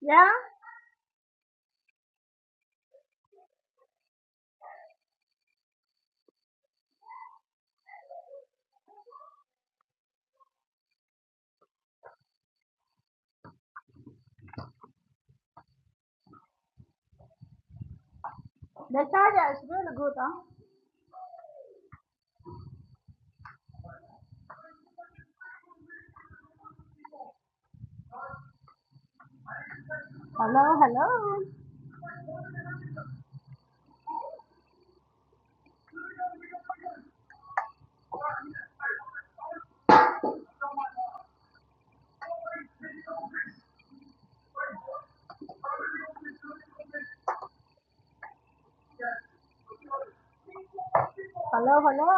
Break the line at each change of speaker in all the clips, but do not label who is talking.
Yeah, the charger is really good, huh? Hello, hello. Hello, hello.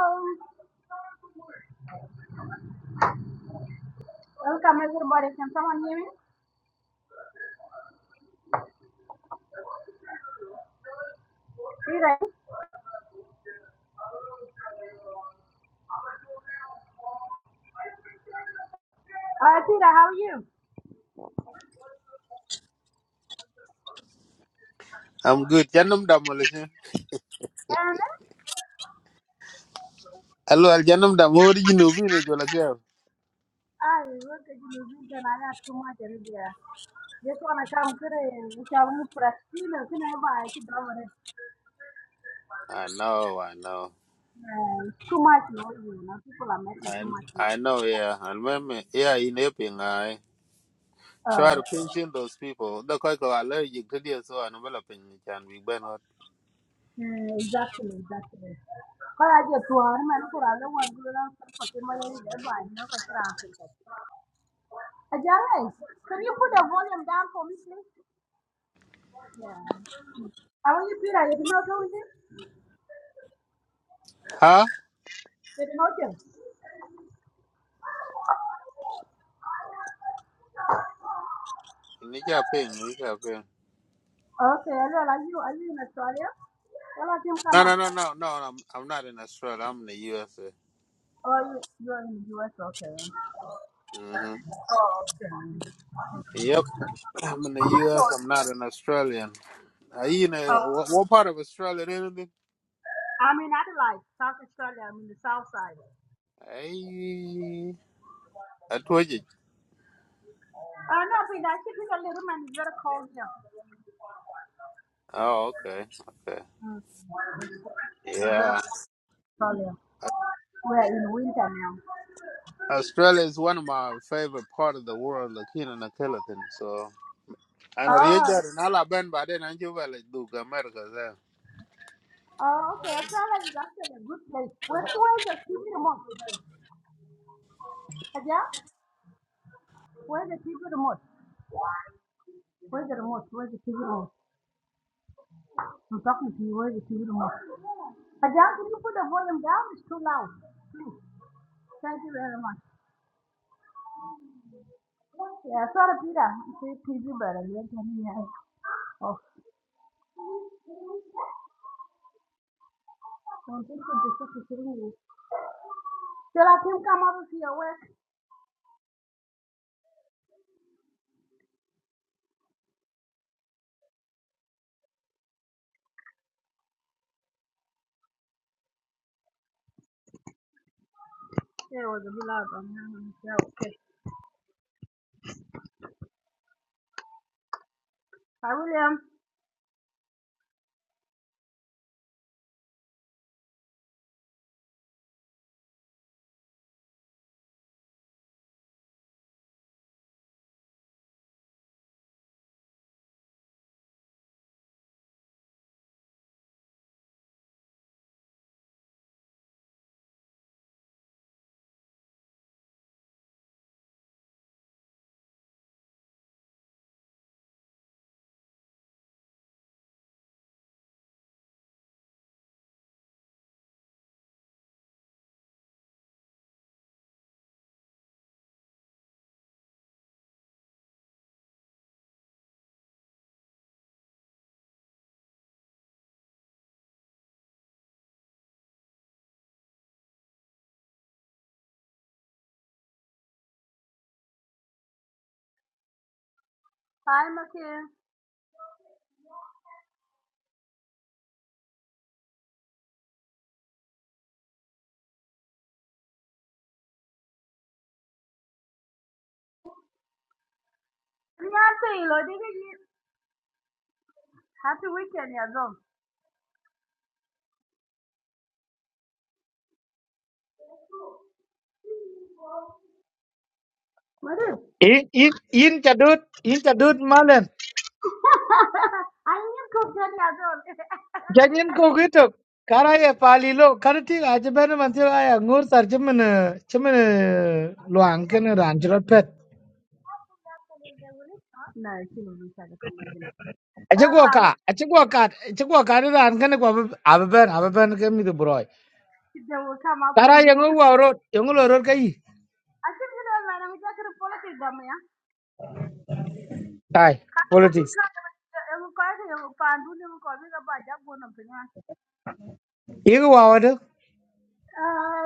Welcome, everybody. Can someone hear me? Peter. Uh, Peter, how are you?
I'm good. Janum da maleche.
And
Hello, Al Janum da mori jino bine jola kya.
I work at the and I got too much energy. Just want to come to the shall move for a stealer. Can I buy it? It's
I know, I know.
too much noise, you know. People are making
I
too much noise.
I know, yeah. And meme, yeah, in Epping, I try
Oh,
to
okay.
pension those people. The koi ko allergic to this, so I know well ping it can be ben hot.
Uh, exactly, exactly. Kaya je tuan man kura lo wan gulo la sa pati mo yeri de i ni ka Ajay, can you put the volume down for me, please? Yeah. How are you to hear it. You know, don't you?
Huh?
Did not Jim.
Nicha ping, nicha ping.
Okay, hello, are you, are you in Australia? Well, let him come
No, no,
up.
no, no, no. I'm I'm not in Australia. I'm in the USA.
Oh, you, you're in the US, okay.
Mm-hmm.
Oh, okay.
Yep, I'm in the
I
US.
was.
I'm not an Australian. Are you in a,
uh,
what, what part of Australia? Anything?
I'm in Adelaide, South Australia. I'm in the south side.
Hey, I told you.
Uh, no, but I think it's a little man. It's very cold here.
Oh, okay, okay.
Mm. The zero
Yeah,
Australia. We're in winter now.
Australia is one of my favorite part of the world. Like here in the Killiton, so and Rio
Oh,
Grande,
it-
and all I've been by then, I just like do America.
oh okay. Australia is actually a good place. Where, where is the TV remote? Uh, Yeah? Where's the TV remote? Where's the remote? Where's the TV remote? I'm talking to you. Where's the TV remote? Uh, yeah, can you put the volume down? It's too loud. Thank you very much. Yeah, sorry, Peter. It's a TV, but I don't hear. Oh, I'm thinking this the thing. Shall I come up with your way? Yeah, it was a bit loud, but um, yeah, okay. Hi, William. Hi, Makia. Nyate ilo digi ji. Happy weekend, Yazon. What is?
In in in chadut in chadut malen.
I need to get Yazon.
Janyin ko gitu. Kara ye pali lo karati aje bene mantio aya ngur sar chimen chimen luang kene ran chirot pet.
No, she will come sad to come again.
Aje
Oh,
gua
I will,
ka aje gua ka aje gua ka ni ran kene gua abe ben abe ben ke mi tu broi.
they will come after
Kara ye
you.
ngur wa rot ye ngur rot kai.
I think you know, man, I'm just going to politics, damn ya.
Tai politics.
Mkwake panduni mkwavika paja kuona penya.
Igu wa wadu.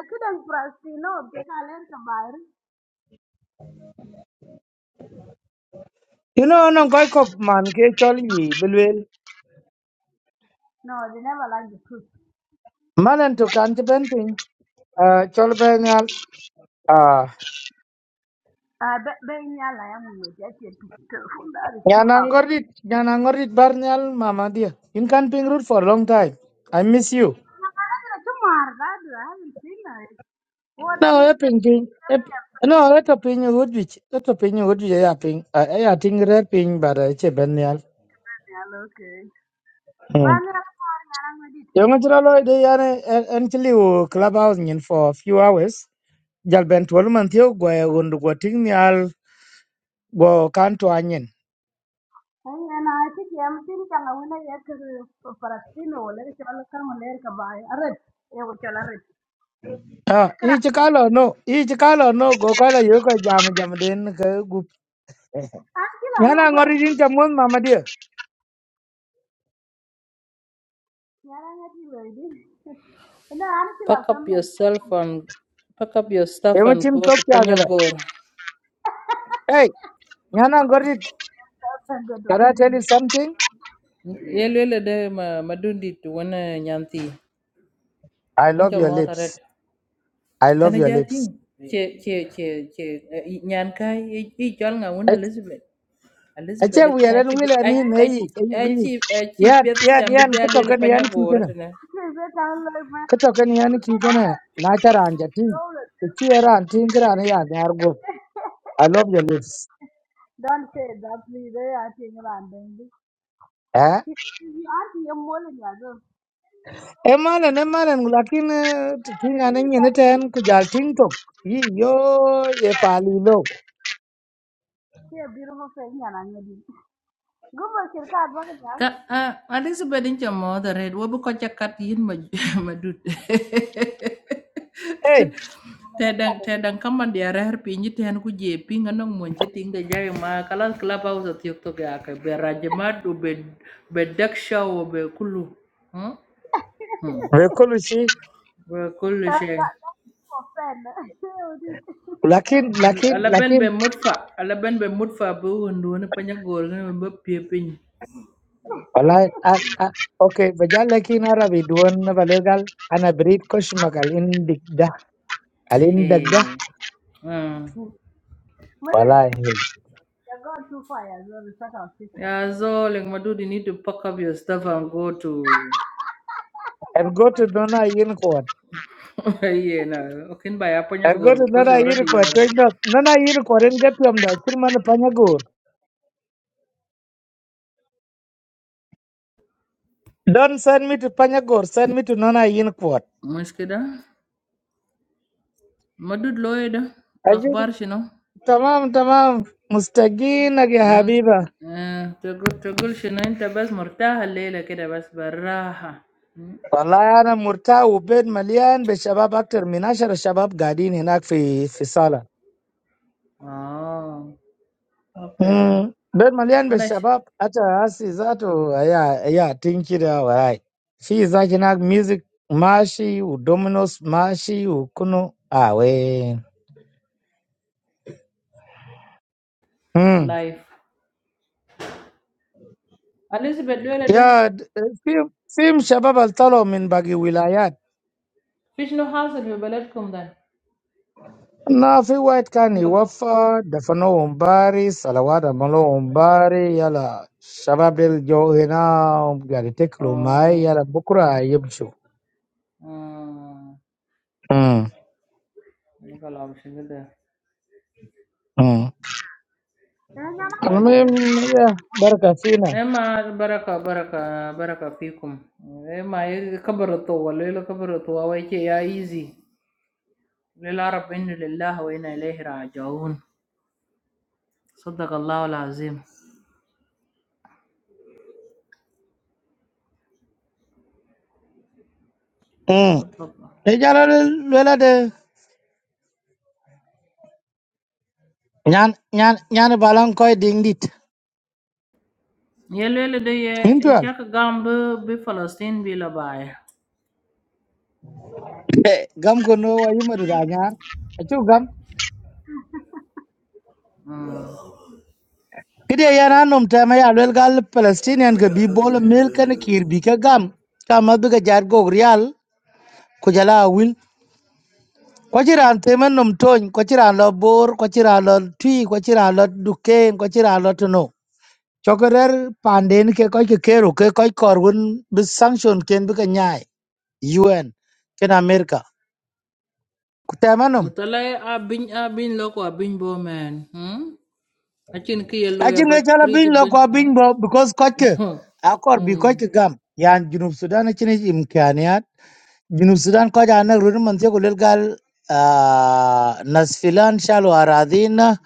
Kida mprastino, jeka lenta mbari.
You know nong koi kok man ke choli yi bilwel.
No, they never like the truth.
Malen tu kan chiben pin, Chol ben yal.
Uh, but but in your life, i bet being a lion with that is careful. That is too far.
Nyanangorit, Nyanangorit Barnyal Mama dear. You can ping root for a long time. I miss you.
No, I not know. Tomorrow, that I haven't seen her. What are
No,
you
I
doing?
ping ping. ep-
Hello,
No, let a ping Woodwich. Let a ping Woodwich. I ping. I I think red ping, but I che Barnyal.
okay.
Hmm.
But I'm not with it.
Yung chira lo de yane actually wo clubhouse nyin for a few hours. Jal ben twelve man thiyo gwa undu gwa ting nyal go kanto anyin.
Hey, and I think I'm thinking I'm going to get to Palestine or let it all come and let it by a red. It was all a red.
Ah, i chikalo no, i chikalo no go kala yoko jam jam den ka gup.
Until I
Nyana
wrote,
ngori din chamon mama dear.
yeah, I'm you, really. And I'm still a
Pack up
family.
yourself and pack up your stuff and
Emuchim
go to
Tokyo Adela.
Panyagor.
Hey, Nyana Gorit,
and go
can I
to
tell you something?
Yelwele de ma madundi to wana nyanti.
I love
Incha
your
mota red.
lips. I love
Kana
your lips.
jating. Che che che che eh, i- nyan kai i i jol nga wuna
Ache
Elizabeth. Elizabeth de kana
wiyalan
chi bi-
wilan
a
yin
a
hey
a
hey
chi a chi
yan
pet
yan
chambe
yan
jalwele
kutokan yan
Panyagor
kikana
Okay, bet I like man.
kutokan yan kikana na tara anjati kici era antin kra yan yargo I love your lips
Don't say that, please. I think I'm doing this.
eh
You auntie, you're more than you Yeah, so.
e malan e malan lakin tinga nan yin tan ku jal tin tok yi yo e pali lo
Hey, beautiful friend. and I'm going to do. Go back to the card, what is that?
Ka, ah, Alice bedo jo modho red, wabuko chakat yin ma, madut.
eh
tedang tedang kaman diarah arah pinji tihan ku jepi nganong monje tingga jaya ma kalas kelapa usah tiok toge ake berajemad u be bedak shaw be kulu hmm hmm
rekolushi
be kulu
That's
she
for friend.
lakin lakin
ala ben
lakin
be mutfa ala ben be mutfa be hundu ne panya ne be piepin
والله أ- أ- اوكي بجال لكن عربي دون بلغال انا بريد كشمك الاندك ده
he
الاندك ده
Hmm.
What is it?
والله
You're going too far as well. It's like our sister.
Yeah, so, leh, madud, you need to pack up your stuff and go to.
ارغوت دونا ينكوت
Aiyeh, na. Okay, buy up your gear
ارغوت
because
دونا
you already
ينكوت
you're.
تجنا نانا ينكوت ان جت يوم ده كل من بانيغور don't send me to Panyagor, send me to Nona Yinkwat.
What's keda? Madud, lawyer, da.
Ajin,
Akbar, shino.
tamam, tamam, mustaginak ya
Hmm.
habiba.
Ah, to go, to go, shino. In Tabas, Murta, Hale, keda, Bas, Barraha. Hmm.
Wallahi ana murta ubed malian be shabab aktar min ashar shabab gadin hinak fi fi sala.
Oh. Okay.
Mm, bet malian be
Anas.
shabab ata asi zato ya ya tinkira warai. Fi zaki na music mashi u dominos mashi u kuno awe. Mm.
Life. Anas, you better do it, da.
Ya d- fi fi shabab altalo min bagi wilayat.
Which no hassle, you better come there.
Na fi white kan
In loco.
wafa dafano umbari salawada malo umbari yala shabab del jo hina gari teklo mai yala
Oh.
bukura yebshu.
Ah.
Mm.
You call up shingo.
Mm.
You're not going
انكراج
to
عليه
Almuhim ya baraka fina.
اما البركه بركه بركه فيكم اما كبر الطول ليلة كبر الطول ويجي يا ايزي للعرب ان لله وانا اليه راجعون صدق الله العظيم
Mm.
صدق الله
E jala lwela de nyan nyan nyan balang koy ding dit.
يا ليلة دي
Min
ان
tual.
شاك قام ب- بفلسطين بلا باي
Gam ko no wa yima du da nyar. Achu gam. Kide yana nom ta ma ya lwel gal Palestinian ke bi bol mel kan kir bi ka gam. Ka ma bi ga jar go real ku jala wil. Ko jiran te men nom ton, ko jiran lo bor, ko jiran lo twi, ko jiran lo duken, ko jiran lo tuno. Chokerer panden ke koy ke kero ke koy korgun bi sanction ken bi ka nyai. UN ken America ku temanum
مطلع ابين ابين لوكو ابين بومان اكين كي يلو يا
acin ke
بات
chala
كريج
bing lo
بن
kwa bing bo because kochke akor bi kochke gam yan junub Sudan acin imkaniat junub Sudan koja anak rudin man tiyo kulil gal ah, nasfilan shalu aradhina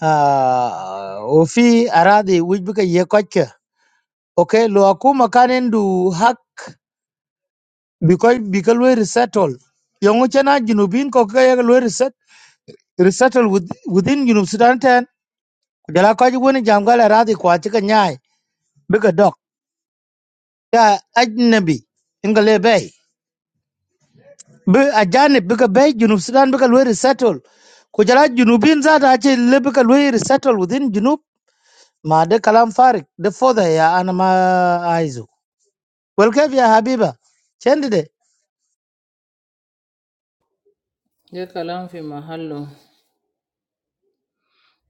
ah, ufi aradhi wujbika ye kochke okay lo akuma kanin du hak because bikal we resettle yongu chana junubin ko ka ye lo reset resettle with, within junub Sudan ten kujala ko ji woni jam gala radi kwa ci ka nyaay bi ka dok ya ajnabi inga le bay bi ajane bi ka bay junub sudan bi ka lo resettle kujala junubin za ta ce le bi ka lo resettle within junub ma de kalam farik de foda ya ana ma aizu wal kayf ya habiba chendi de
يا كلام في محله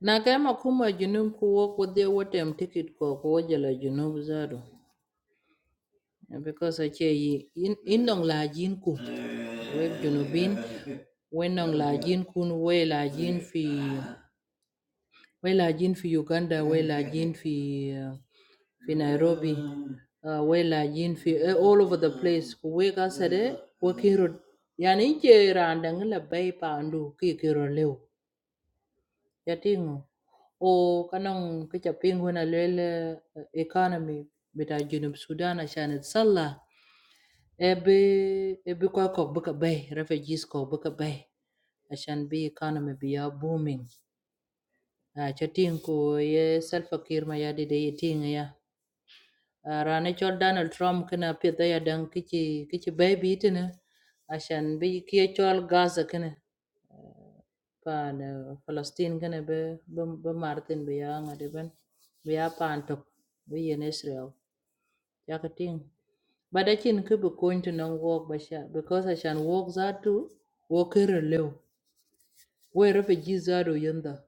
Nakema kuma junub ku wok wodhi wotem tikit ko ko wajala junub zadu. Because ache yi in in dong la jin kun. We junubin we nong la jin kun we la jin fi we la jin fi Uganda we la jin fi uh, fi Nairobi uh, we la jin fi eh, all over the place ku we ka sade we kiro yani che randang la bay pa andu ki kiro lew. Jadi ngoh oh kanong kacapingu na lele eh, economy betajunum Sudan ashanet salla ebe ebe kwa kog beka bay refugees kog beka bay ashan be economy biya booming ah jadi ngoh ye selfakir ma ya di daye tinga ya ah rane chal Donald Trump kena pi daya deng kichi kichi bay bi tena ashan bi kye chal gas kena pan eh, Palestine kana be be be Martin be ya ngade ben be ya pan tok be yen Israel ya ka ting ba da kin ke be going to non walk ba sha because I shan walk that too walk here lew we refugees are yanda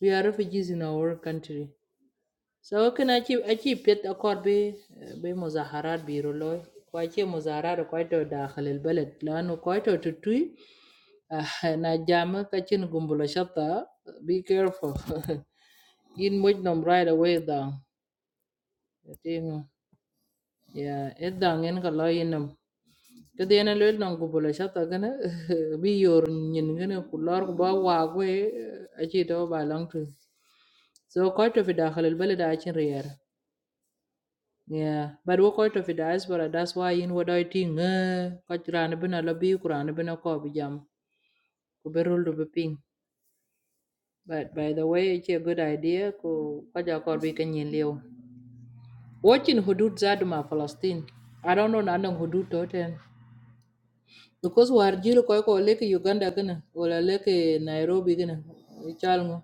we are refugees in our country so can achi achi pet akor be eh, be muzaharat bi roloy ko achi muzaharat ko to dakhil al balad lanu ko to tutui na jama kachin gumbula shatta be careful in much num right away down i think yeah it down in kala inum kadi na lel nang gumbula shatta gana bi yor nyin gana kullar ku ba wa gwe achi do ba long to so quite of it dakhal al balad achin riyar yeah but wo quite of it diaspora that's why in what i think ka tirana bina labi kurana bina ko bijam ku berul do be ping But by the way, it's a good idea ko kaja ko bi kan yin liu. Watching hudud zadu ma Palestine. I don't know nanang hudud toten. Because war jilu ko ko leke Uganda gana wala leke Nairobi gana. Ichalmo.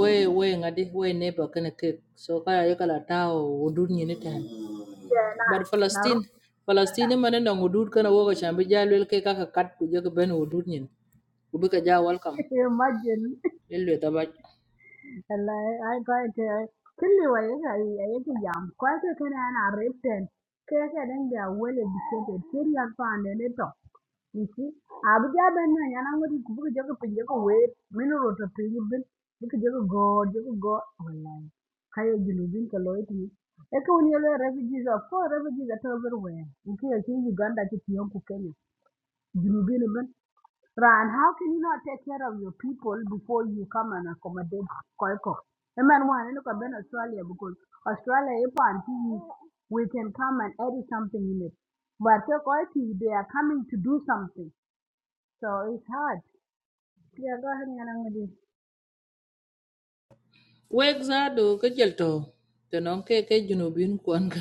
We we ngadi we neighbor kana ke. So kaya yakala tao hudud nyini tan.
Yeah,
But
nah.
Palestine Palestine man nang hudud kana woga shambi jalwel ke kaka kat ku jaga ben hudud nyin. Ubika ja
Now,
welcome.
imagine.
Ilwe tabaj.
Wallahi ai ko ite kulli wai ga ai ga jam ko ite kana na riten ke ke den ga wele dikete teria pande ne to isi abu ja ben na yana ngodi ku buku jago pinje ko we minu roto e refugees of course refugees at everywhere in ke Uganda ki tiyon ku Kenya julubin Ran, how can you not take care of your people before you come and accommodate Koiko? The man one look at Australia because Australia if and TV, we can come and edit something in it. But the Koiko they are coming to do something. So it's hard. Yeah, go ahead, Nyanangudi.
wek zaadu ka jël to te non ke ke junubin kwan ka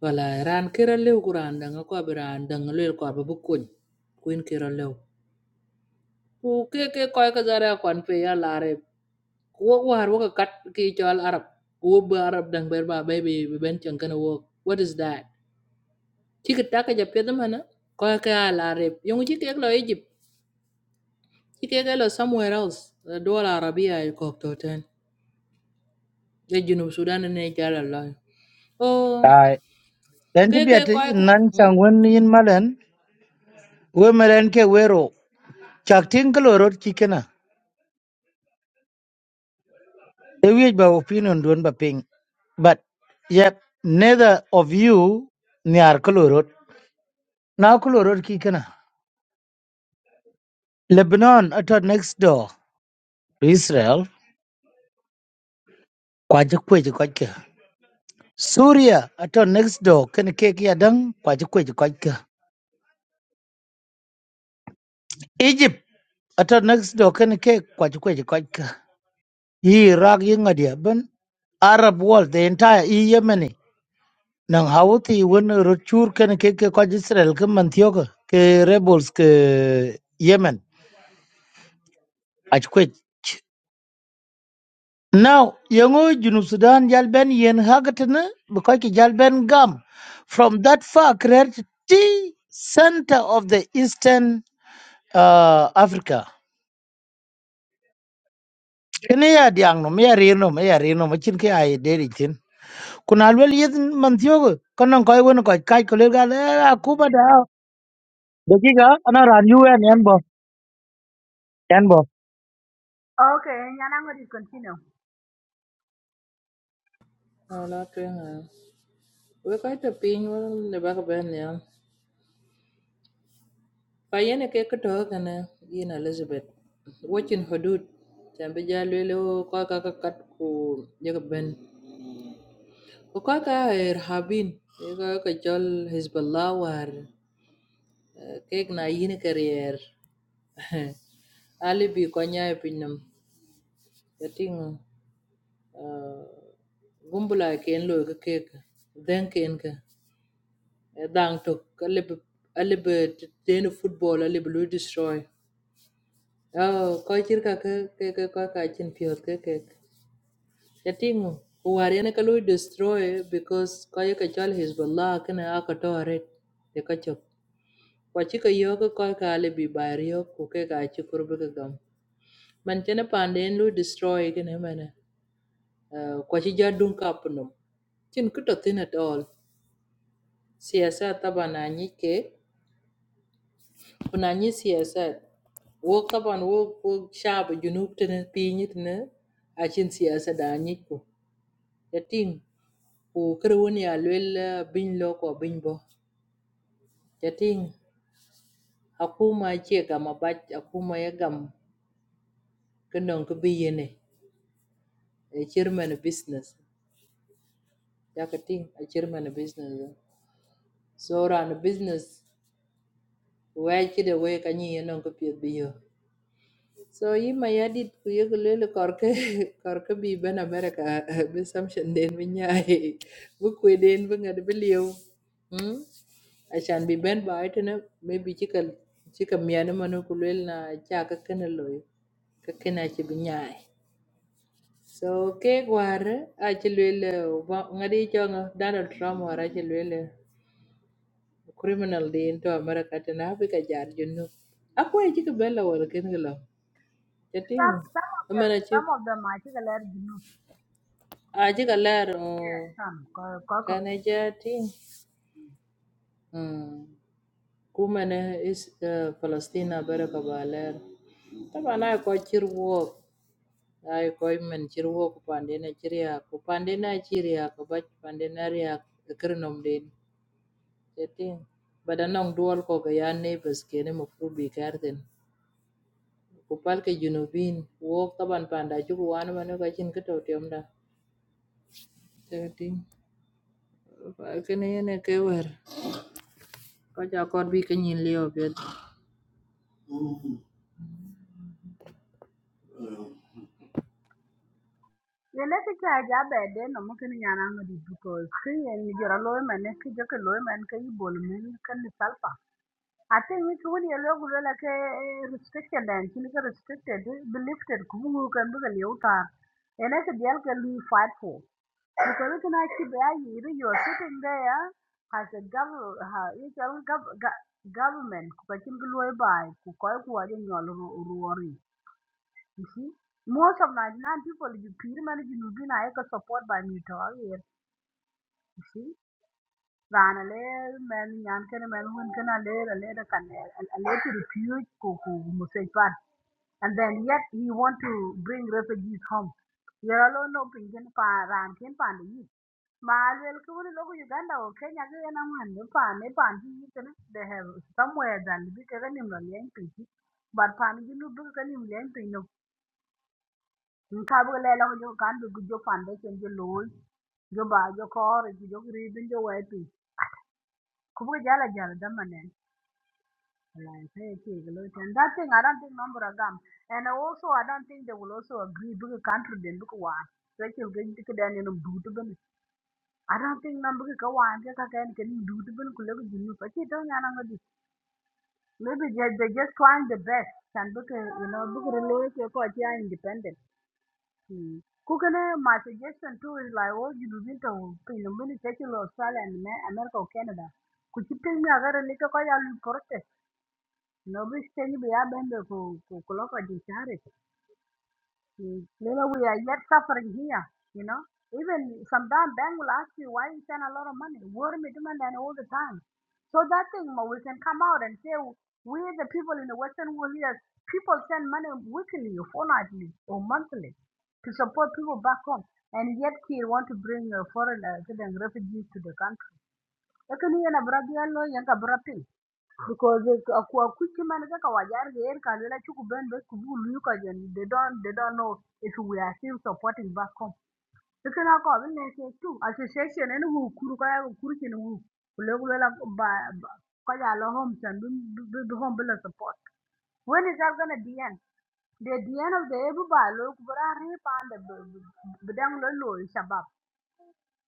wala ran kira lew ku ran danga ko bi ran danga lel ko bi bu kuny kuin kira lew ku ke ke koy ka zara kwan pe ya laare ku wok war wok kat ki chol arab ku wo ba arab dang ber ba bay bi bi ben chang kana wok what is that ci ka taka ja pe dama na koy ka ya laare yong ci ke lo egypt ci ke lo somewhere else dola arabia ko to ten ya junub sudan ne jala la Oh.
ay dan
ke
ti
ke
biya
koy
ti
ka
nan
hmm?
sang won yin malen we meren ke wero chak tin kaloro kikena The way by opinion don't be ping. But yet neither of you near Kolorot. Now Kolorot kikana. Lebanon at our next door to Israel. Kwaja kwaja kwaja. Syria at our next door can cake yadang kwaja kwaja kwaja. Egypt at our next door can cake kwaja kwaja kwaja. Iraq yung adiaban. Arab world, the entire E Yemeni. nan hawti won rochur ken ke ke ko Israel ke man tiyoka ke rebels ke Yemen achkwech now yango junub Sudan jalben yen hagatna because ki jalben gam from that far create the center of the eastern uh, Africa kene ya diang no me ya reno me ya reno machin ke ay deri tin kunal wel yedin man tiyoka konan koy won koy kai ko le gal eh, akuba da dakiga ana ran UN yan bo
Okay, Nyanangudi continue.
Ah, la twinga. We quite a pin one the back of Benya. Payene cake talk and in Elizabeth. Watching Hudud. Tambija Lilo, Kaka Kat ku Jacoben. Ukaka er Habin. Kaka Jol Hezbollah war. Cake na yin career. Alibi Konya Pinum. The thing. Gumbula ken lo cake. Then kenka. Dang tok alibi alibi deno football alibi lu destroy. Oh, ko chir ka ke ke ke ko ka chin piot ke ke. Yatingu uwari na kalu destroy because ko ye ka chal Hezbollah kana akatore de ka chok. Ko chi ka yo ko ko ka alibi bar yo ku ke ka chi kurbe ka gam. Man chene panden lu destroy kana mana. Ko chi jadun kapnum. Chin kuto thin at all. Siyasa taba na nyike Buna nyɛ siyasat. Wo طبعا wo wo شعب جنوب تنا بيني تنا عشان سياسة دانيك كو. يتين وكره وني الويل بين لوكو بين بو. يتين حكومة يجي غام بات حكومة يغام كنون كبيني. Chairman business. Yakatin a chairman business. So ran business. Wai kida wai kanyi yanon ka piyo biyo. So yima yadit ku yek lele korke korke bi ben America bi samshan den bi nyai bi kwe den bi ngad bi liu hmm ashan bi ben ba itena maybe chika chika miyana manu ku lele na cha ka kena loy ka kena chi bi nyai so ke gwar a chi lele wa- ngadi cho nga Donald Trump war a chi lele criminal den to America tena bi ka jar junu akwa chika bella wal ken gelo
Some
chatingo
some of them
amana chi
some of them I think a lot of you know.
aje ka ler
Yeah.
o
Some Koiko.
kane ja ting mm. kumene is uh, palestina bere ka ba ler taban ai ko cir wuok ai ko men cir wuok pandene ci riak ku pandene ci riak ku bac pandene riak kir nom den je ting bada nong duol ko ga ya neighbors kene mo fru bi garden ku pal ke junubin wuok taban panda ju mane ka cin ke to da je kene yene ke Có cho con biết cái nhìn leo bit.
yene ki cha ja be no mo ken nyana ngodi because ki yen ni jora loy man ki jo ke loy man ke i bol men ke ni salpa ate ni ki woni lo gulo la ke restricted and ki ni ke restricted be lifted ku mu kan bu le uta yene ki dial ke lu fight for because ki na ki be ayi ri you are sitting there as a government ha you tell gov- go- government ku ka kin loy bai ku ko ku wa de nyol ruori you see, most of Nigerian people, you peer man, you know, been I can support by me to all here. You see, Rana Lair, man, Yankan, man, who can a lair, a lair, a can a lair to refuse Kuku Musaipan. And then yet he want to bring refugees home. You're alone, no pinkin, pa, ran, kin, pan, the youth. Malwell, Kuru, Logo, Uganda, or Kenya, and I'm one, pan, they pan, they have somewhere than the bigger than him, the Yankee. But pan, you know, bigger than him, young Nkabulelo jo kandi jo pande chen jo loy jo ba jo kor jo jo ribin jo wepi kubu jala jala damanen like hey okay and that thing I don't think number agam and also I don't think they will also agree because country then look one so you going to get any do to ben I don't think number ka one ka ka can can do to ben kulo ko jinu pa chi don yana ngadi maybe they they just trying the best and book you know book relate ko chi are independent Mm. Kukene, my suggestion too is like oh, you do into in the municipal of Australia and Ma- America or Canada. Could you tell me agar ni to kaya lu korte? No bi stengi you ya bende ku ku kuloka jinsi Mm. You know, we are yet suffering here, you know. Even sometimes bank will ask you why you send a lot of money. Worry me demand and all the time. So that thing ma, we can come out and say we the people in the Western world here, people send money weekly or fortnightly or monthly to support people back home. And yet he want to bring uh, foreign uh, refugees to the country. Lakini yeye na brother yalo, yanga brother because they uh, kwa- quick man kaka wajar ger kalela chuku ben be kubu luyuka jen they don't they don't know if we are still supporting back home lakini ako abin ne ke tu association ene wu kuru kaya wu kuru chini wu kule kule la ba ba- kaya la home chan bi bi bi home bila support when is that gonna be end the the end of the ebu ba lo kubara re pa and bidang lo lo shabab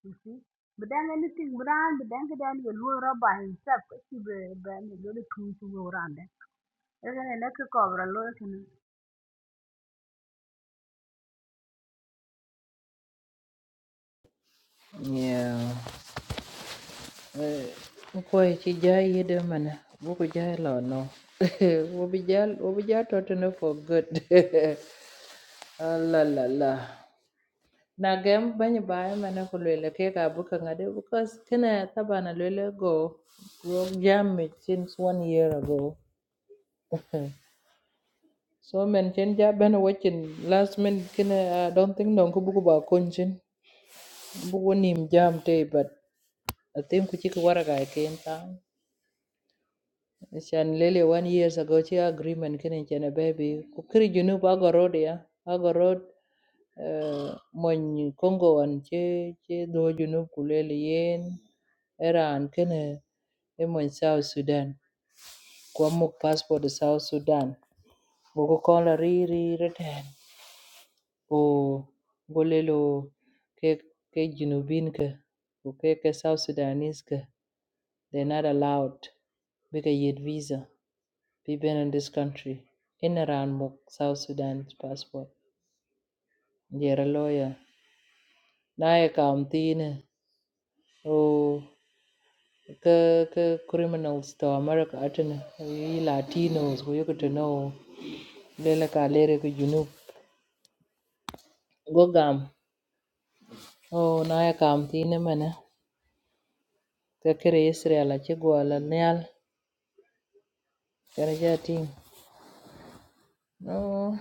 you see bidang anything bidang bidang bidang lo lo ba himself kasi be be ne lo lo tu tu lo Eka ene kikobra loyo kene.
Yeah. Ukwe chijai yede mana. Buku jai lo no. Wobijal wobijal totene for good. Ah, La la la. Na gem banyi baya mana kulwele ke ka buka ngade because kena taba na lwele go go jam it since one year ago. so men chen ja bana watching last minute kena I don't think don ko buku ba konchin. Buku nim jam te but I think kuchik waraga came down. Shan lele one years ago chi agreement kene chene baby. Kukiri junub ago road ya. Ago road uh, mon Congo wan che che do junub kulele yen. Era an kene emon South Sudan. Kwa muk passport e South Sudan. Boko kola riri return. O golelo ke ke junubin ke. Ko ke ke South Sudanese ke. They're not allowed. Bigger yet visa. Be been in this country. In around Muk, South Sudan's passport. they are a lawyer. Naya Kamtine. Oh ka ka criminals to America atin yi Latinos go yuko to know lele ka lere ko junub. Go gam. Oh naya Kamtine mana. Ka kere Israel a chigwala nyal. Kere jating. No,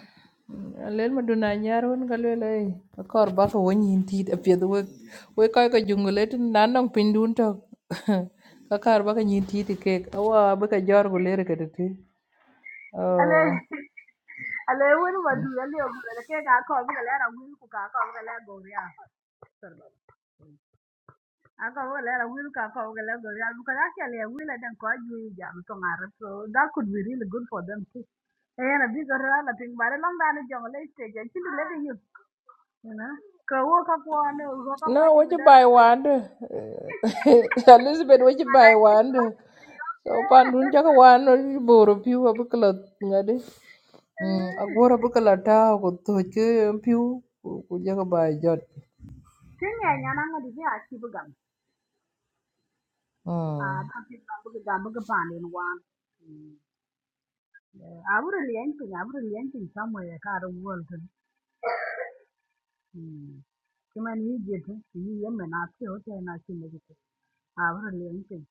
lên mà Oh, lel maduna cái won kalwele kor ba ko wonyin tit apieth we we koy ko jungle tin nan nong pin đun to ka kar ba ka nyin tit kek awa ba ka jor go lere ka tete
Ale
oh
ale win madu ale ogure ke ka ko bi ale ra win ku ka ko bi ale goria. A ko bi ale ra win ka ko bi ale goria because actually a win adan ko ju jam to ngar so that could be really good for them too. Eh na bi gora la ping bare long dan jong le stage i chindi le you you know. Ko wo ka ko ne wo ka
no
ba ju
what you
dan.
buy wand elizabeth what you
Mana
buy
ji
wand
ba ju yo.
so pan dun chaka wan boro piu à ba kala ngade mm
Eh.
agora ba kala ta cái to ke piu ku bài buy jot
Tinga nyana ngadi bi a chi Ah, bakit bakit gabi ka pandin wan. I would really anything. I would really anything somewhere. I can't world. Hmm. Kima ni jet. Ni yemme na si hote na si megi. I would really anything.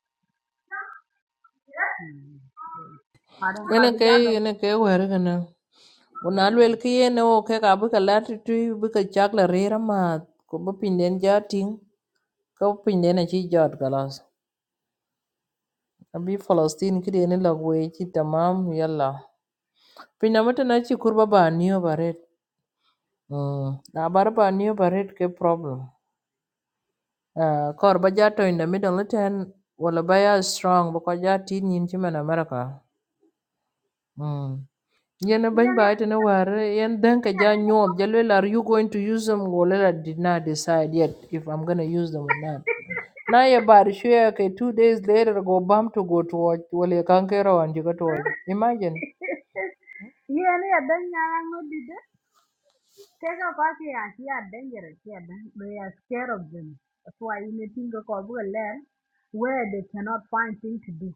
Parang ka
Ene ke
bija ba.
ene ke wer kana una lwel ki yene o ke ka buka lati tu buka chak la rira ma ko bu pinden jatin ko pinden a chi jot galas abi Palestine ki dene la we chi tamam yalla pinda mata na chi kurba ba niyo baret mm na bar ba niyo baret ke problem uh, kor ba jato in the middle ten wala ba ya strong ba ko jatin yin chi man America Mm. Yana bany
Yeah, ne.
ba ita na ware yan dan ka ja nyot ja lwel, are you going to use them go I did not decide yet if I'm gonna use them or not. Na ya bar shi ya two days later go bam to go to watch wale kan kai rawan jiga to watch. Imagine.
Yeah, ne. Adan nyarang mo dide. Tega kaki ya ki are dangerous here. They are scared of them. That's why you need to go to land where they cannot find things to do.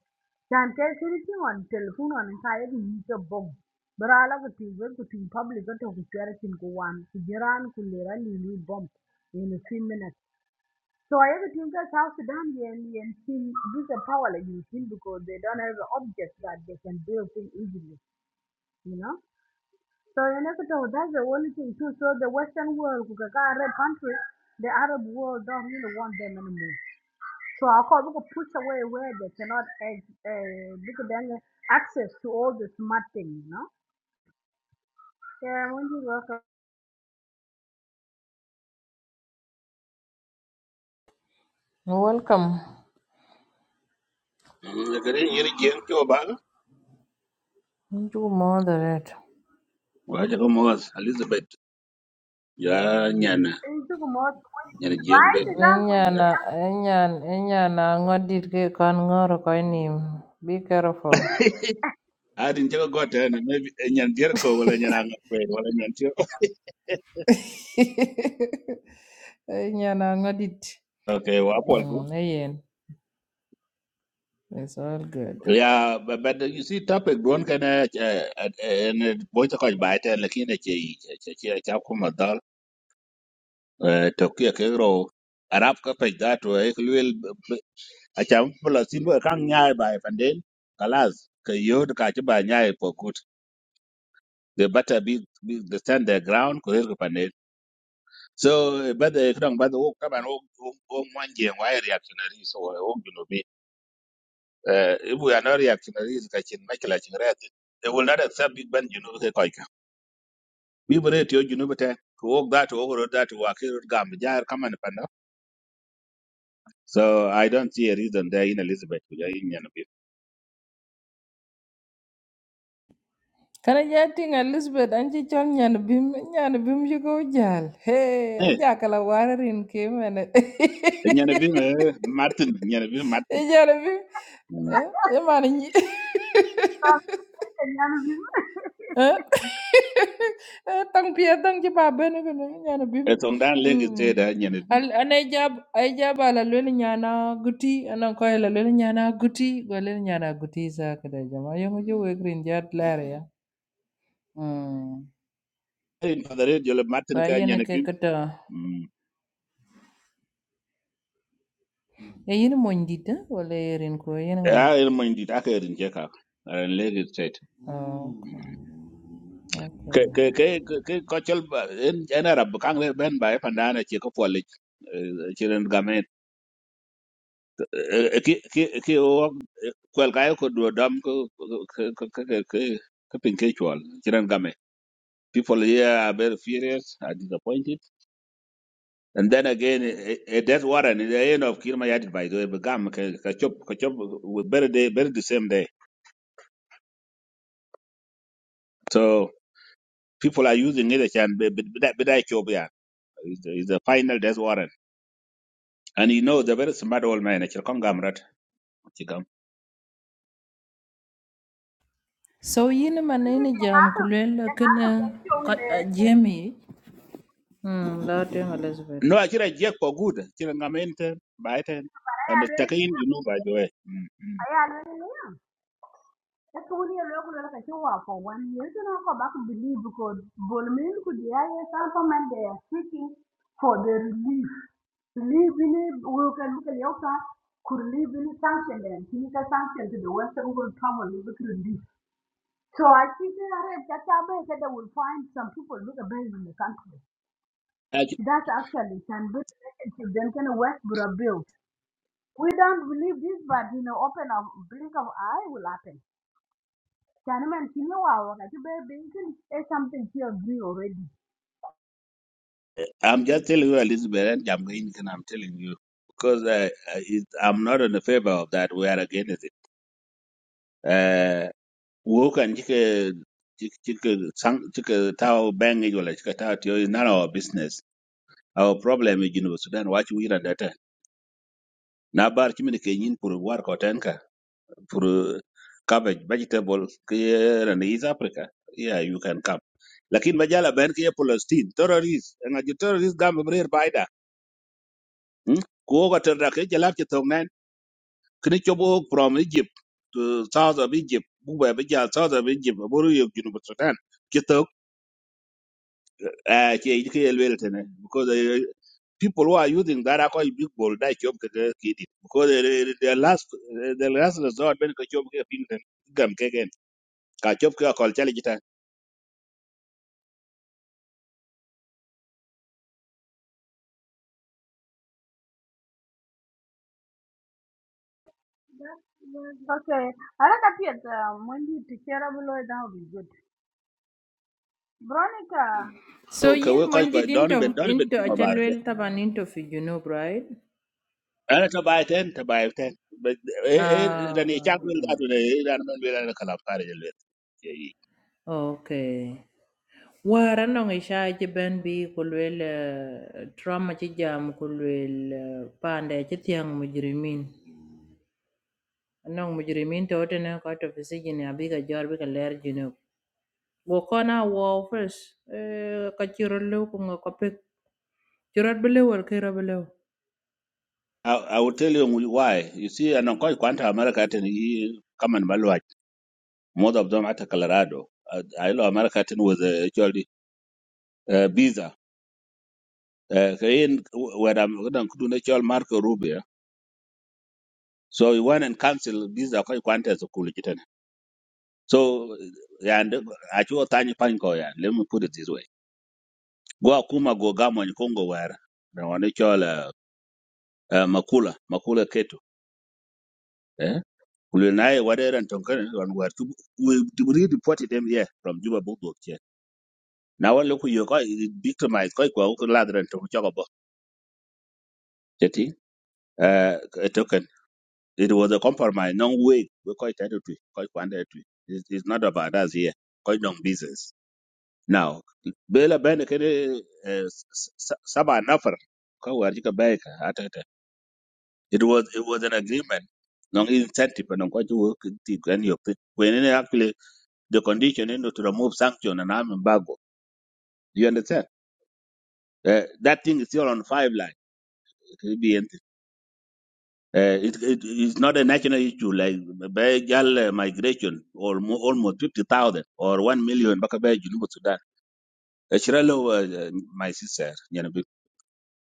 Can ke siriti on telephone on ka yedi yike bom. Bara ala ko ti we ko ti public ko to ko chere tin ko wan ko jiran ko lera li li in a few minutes. So I ever think that South Sudan and and team this is a power like you feel because they don't have an object that they can build things easily, you know. So in Ecuador, that's the only thing too. So the Western world, because I read countries, the Arab world don't really want them anymore. So I call we could push away where they cannot uh, uh, because then access to all the smart things, you know. Yeah, when you work, uh,
Welcome.
Lekere nyiri jeng cho bang.
Nju moderate.
Wa chaka mos Elizabeth. Ya nyana.
it took more.
Nyana jeng
Why is
bebe.
that when you
Enyana enyan enyana ngodit ke kan ngor ko ni. Be careful.
Adin chaka gote ene. Maybe eh, nyan dirko wala nyan anga kwen wala nyan tio.
enyana ngodit.
Okay, wa pol ko.
Mm, ayen. It's all good.
Yeah, but, but you see topic don kana ene boy to koj baite lakini che che che cha kuma dal. Tokia kero Arab ka pej dato e kulwel acham pula simba kang nyai bai panden kalas ka yod ka chiba nyai they better be, be they stand their ground kulir kupande so but the kudang but the walk come and walk walk one game why reactionaries or walk you know be uh, if we are not reactionaries kachin makila chingret they will not accept big band. you know the koika we were you know but walk that over that walk here gam jar come and panda so i don't see a reason there in elizabeth kuja in yanabi
Kana jati nga Elizabeth anchi chol nyan bim nyan bim yuko jal. Hey,
eh
aja kala warin ke mana.
yanabi martin yanabi
E
martin
jal bim. Eh, e mana ni.
talk to the young people?
Eh, eh, tang pia tang ci babe ne kana nyan bim.
etong dan legi
Hmm.
teda yanabi
Al anay jab ay jab ala lwen nyana guti anan ko ala lwen nyana guti go lwen nyana guti sa kada jama yongo jo wegrin jat lare ya. Hmm.
in for the radio martin
Ba
ka
yene ke
yanabi
kata. E yini mony dit eh? wala erin ko yen nga?
ya ir mo indi ta ka irin je ka ran lagos state
Oh,
Mm. ke
okay.
ke ke ke ko chol ba- en en arab kan le ben ba e pandana che ko pole chiren gamet Eh, eh, ki ki ki o kwel ka ko do dam ko ke ke ke ke pin ke chol chiren gamet people here are very furious are disappointed and then again a, a death warrant in the end of kirma yadid by the way begam ka ka chop ka chop very day very the same day so people are using it as an bidai Is the, he's the final death warrant. And you know, the very smart old man, actually, come gamrat, chikam.
So yini man
When you
ini
get
jam
out of,
kulel
get out of your
kena
show, you know,
Jamie. Hmm, Lord and Elizabeth.
No, actually, Jack for good, actually, ngamente, baiten,
I
and
am
the
really,
takin, you know, by the way. Mm, mm.
I am really. Eka wuni ya lwela lokaci wa for one year tana ko baku believe because bolmin ku di yaye supplement they are seeking for the relief. Relief ini wuka luka yauka ku relief ini sanction them. Kini ka sanction to the western world travel is with relief. So I think that are that abe that they will find some people who are based in the country.
Actually,
That's actually can be relationship then can Westboro build. We don't believe this but you know open a blink of eye will happen. can you continue our you baby, you can something to agree already.
I'm just telling you, Elizabeth, and I'm going, and I'm telling you, because uh, uh, it, I'm not in the favor of that. We are against it. Uh, woke and chika, chika, chika, tao bang, it, wala chika tao, tiyo, is none of our business. Our problem is, you know, Sudan, watch we are that. eh? Nabar, chimini kenyin, puru, war, kotenka. for uh, cabbage vegetable here in East Africa yeah you can come lakin majala ben ke Palestine terrorist and a terrorist gam brer baida hmm? ko ga terra ke jalap ke tong nan kini chobo from Egypt to south of Egypt buba be ja south of Egypt boru yo ginu Sudan ke tok eh ke ke elwel tene because uh, people who are using that are quite big ball that job ke kidi because uh, the last eh, the last resort ben ke job ke pingten gam ke gen ka job ke kol chali
Okay, I like up yet. Um, when you take care of Lloyd, that will be good. Veronica,
So
So ka we
yin
koy
mony
koy
dit
Donovan
into
Donovan
into
timo barke.
achalwel taban into fi junub, right?
Ana ta bay ten ta bay ten. But eh eh
Ah,
rani chak wel da to Eh,
okay. Wara nong isha ci ben bi kulwel trauma ci jam kulwel pande ci tiang mujrimin. anong mujrimin to ne ko to fisijin ya bi ga jor bi ga ler jinu go kona wo first eh ka chiro lu ko ngo ko pe chiro bi le wor ke ra bi le
I, I will tell you why. You see, and I'm quite quanta America ten he come and Malwaj. Most of them at Colorado. Uh, I know America ten was uh, actually uh, visa. Uh, in where I'm going to do Marco Rubio. So he went and cancelled visa quite quanta as a cool kitten. So, yeah, and I chose Tanya Panko. Yeah, let me put it this way. Go akuma go gamon Congo wara. Na wane chola uh, makula makula keto. Eh? Kulinae wade ran tonkane wan war to we we reported them here from Juba Bobo che. Na wan loku yo ko victimize ko ko ko ladran to choko bo. Teti uh a token it was a compromise no way we ko itato tu ko kwande tu. It is not about us here. Ko non business. Now bela bene kene eh, s- s- saba nafar ko war jika baika It was it was an agreement. No incentive and on what you work in the grand you pay. when in actually the condition you know, to remove sanction and arm embargo. Do you understand? Uh, that thing is still on five line. It will be anything. Uh, it, it is not a national issue like Begal migration or mo- almost 50,000 or 1 million Bakabe Junubu Sudan. Uh, Shirelo, uh, my sister, you know, be-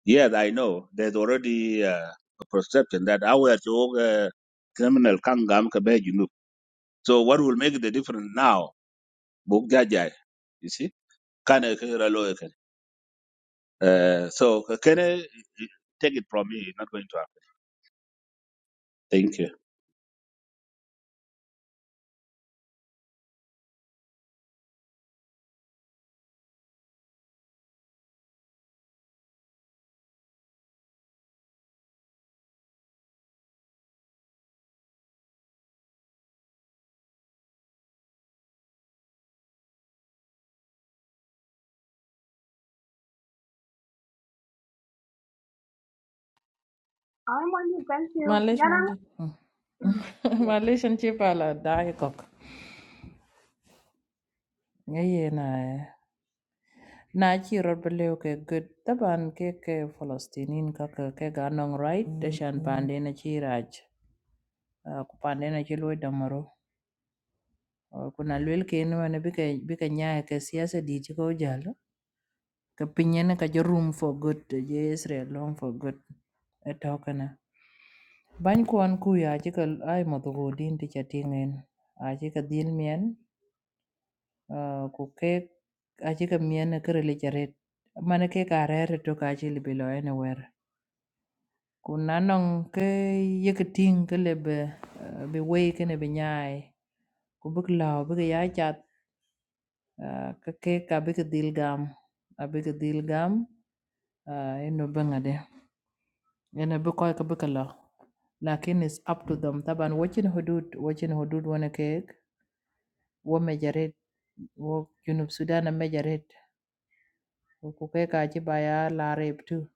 yes, I know there's already uh, a perception that our uh, criminal Kangam Kabe So what will make the difference now? Buk jajai, you see? Kana kira lawyer kan. Uh, so can I take it from me? It's not going to happen. Thank you.
I'm when you thank you.
malish
Yana,
mandi
Mm, yeah.
malish an chi pala dai kok ngaye na eh. na chiro bi le ke good taban ke ke palestinin ka ke ke ga nong right de shan pande na chiraj ko pande na chi lo damaro kuna lwel ke no bi ka bi ka nyaa ke siasa di ti jalo ka pinyen ka jo room for good to je Israel long for good e tokana bany kwan kuya aje ka ai mo go din ti chatingen aje ka din mien ah, ku ke aje ka mien e ka rele charet mane ke ka rere to ka aje libe lo ene wer ku nanong ke ye ka ting ke lebe ah, be we ke ne be nyai ku bik lao bik ya chat ah, ka ke ka bik dil gam a bik dil gam ah, eno bangade I am not going to be killed. But it's up to them. But watching how do watching how do one make, what measure, what you know, Sudan and measure. Who can achieve by Arab too?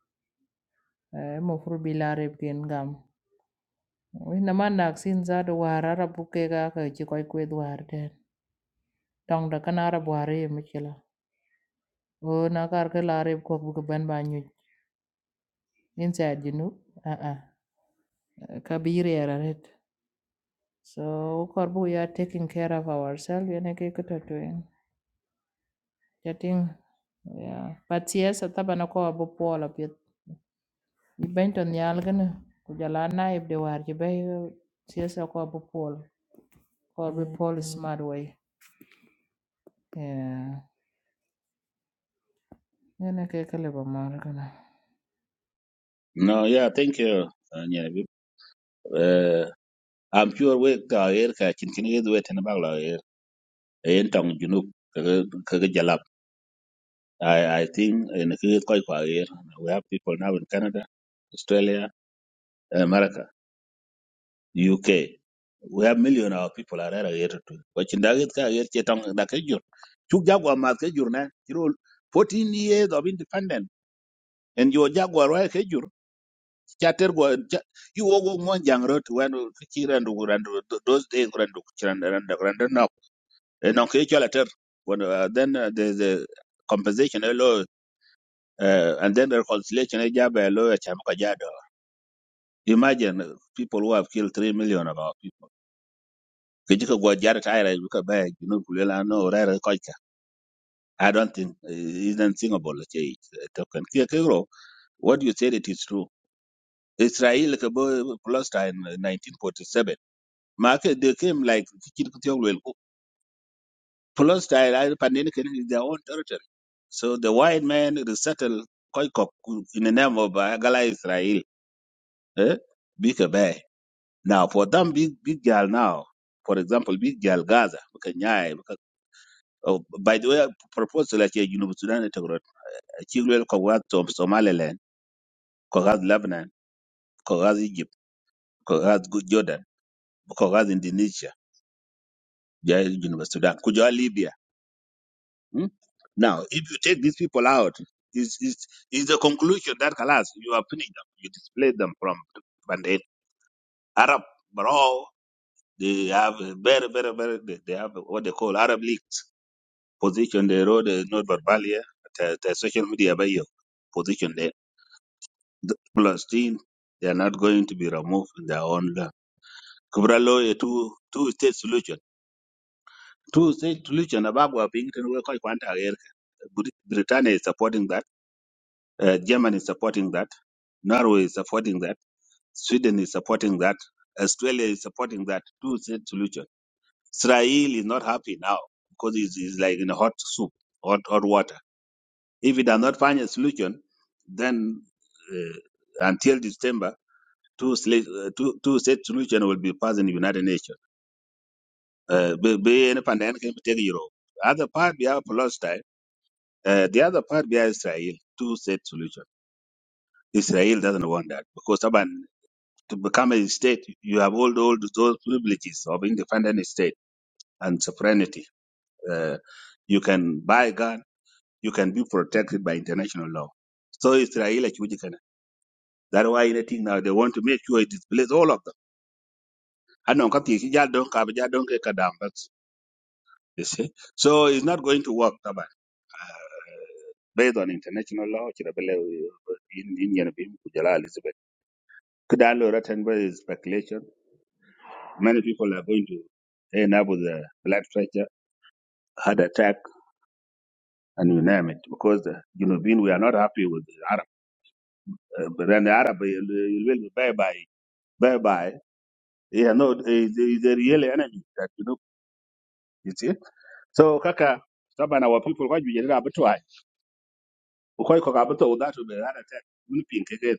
I am afraid by Arab game. We are not vaccinated. We are not going to achieve COVID. We are not. Don't look at Arab. We are not. Oh, I am afraid by Arab. Who is going to be banned? You inside you know? Ah, ah. Kabir, Arab. So we are taking care of ourselves. I am not going to do that. Jatiŋ yeah. But siyasa tabana ko abu pola pit. I bento nyalgana ku jala naib de war You bay siyasa ko abu pola ko abu pola smart way. Yeah. Yana kai kalaba margana.
No, yeah, thank you. Uh, yeah, we- uh, I'm sure we ka air ka chin kin yed wet na bagla air. Ayen tong junub kaga kaga jalap. I I think in kaga koi kwa air. We have people now in Canada, Australia, America. UK. We have million of people are relegated to. But in Dagit ka yer chetong da ke jur. Chuk jagwa mat ke jur na. You know, 14 years of independent and your jagwa roi ke jur. Chater go you go go mon jang rot when chiran du ran those days ran du chiran ran da ran no. And on ke chala ter when uh, then uh, the the compensation a law uh, and then the reconciliation a jab a law a cham ka jado. Imagine uh, people who have killed 3 million of our people. Kecil ke buat jarak air itu ke baik, jenuh kulela no rare kau I don't think uh, it's not thinkable. Okay, token. Kia kero, what you said it is true. Israel ke bo Palestine uh, 1947. Maka they came like kecil kecil kulela. Palestine I pandeni kene is their own territory. So the white man resettled kau in the name of uh, Gala Israel. Eh, big a bear. Now for them big big girl now. For example, big girl Gaza, Oh, by the way, proposal like a Junub Sudan at Togrot, a Chilwell Kogaz of Somaliland, Kogaz Lebanon, Kogaz Egypt, Kogaz Jordan, Kogaz Indonesia, Jai Junub Sudan, Kujua Libya. hmm? Now, if you take these people out, is is is the conclusion that Kalas, you are finished them, you display them from Band-Aid. Arab Bro, they have a very, very, very they they have what they call Arab leaks. Position they wrote uh, not verbal here, the, the social media by you. Position there. the Palestine, they are not going to be removed in their own land. Kubralo a two two state solution. Two state solution above were being taken away quite quite aware. Britannia is supporting that. Uh, Germany is supporting that. Norway is supporting that. Sweden is supporting that. Australia is supporting that. Two state solution. Israel is not happy now because it's, it's like in a hot soup, hot hot water. If it does not find a solution, then uh, until December two, sli- uh, two, two state solution will be passed in United Nations. Uh, be be any pandemic can take Europe. Other part we have Palestine. Uh, the other part we have Israel. Two state solution. Israel doesn't want that because Taban, to become a state, you have all all those privileges of independent state and sovereignty. Uh, you can buy gun. You can be protected by international law. So Israel actually can. That's why anything now they want to make sure it displays all of them. I don't You see, so it's not going to work. طبعا based on international law, kira bele uh, in Indian bim kujala Elizabeth. Kudalo written by his speculation. Many people are going to end up with a blood pressure, heart attack, and you name it, because the you know being we are not happy with the Arab. Uh, but then the Arab uh, will be bye bye bye bye. Yeah, no, is is a real enemy that you know. You see, so kaka. Taban our people kwa jujere abatwa. Ukoi kwa abatwa udatu be heart attack. Muni pinkege.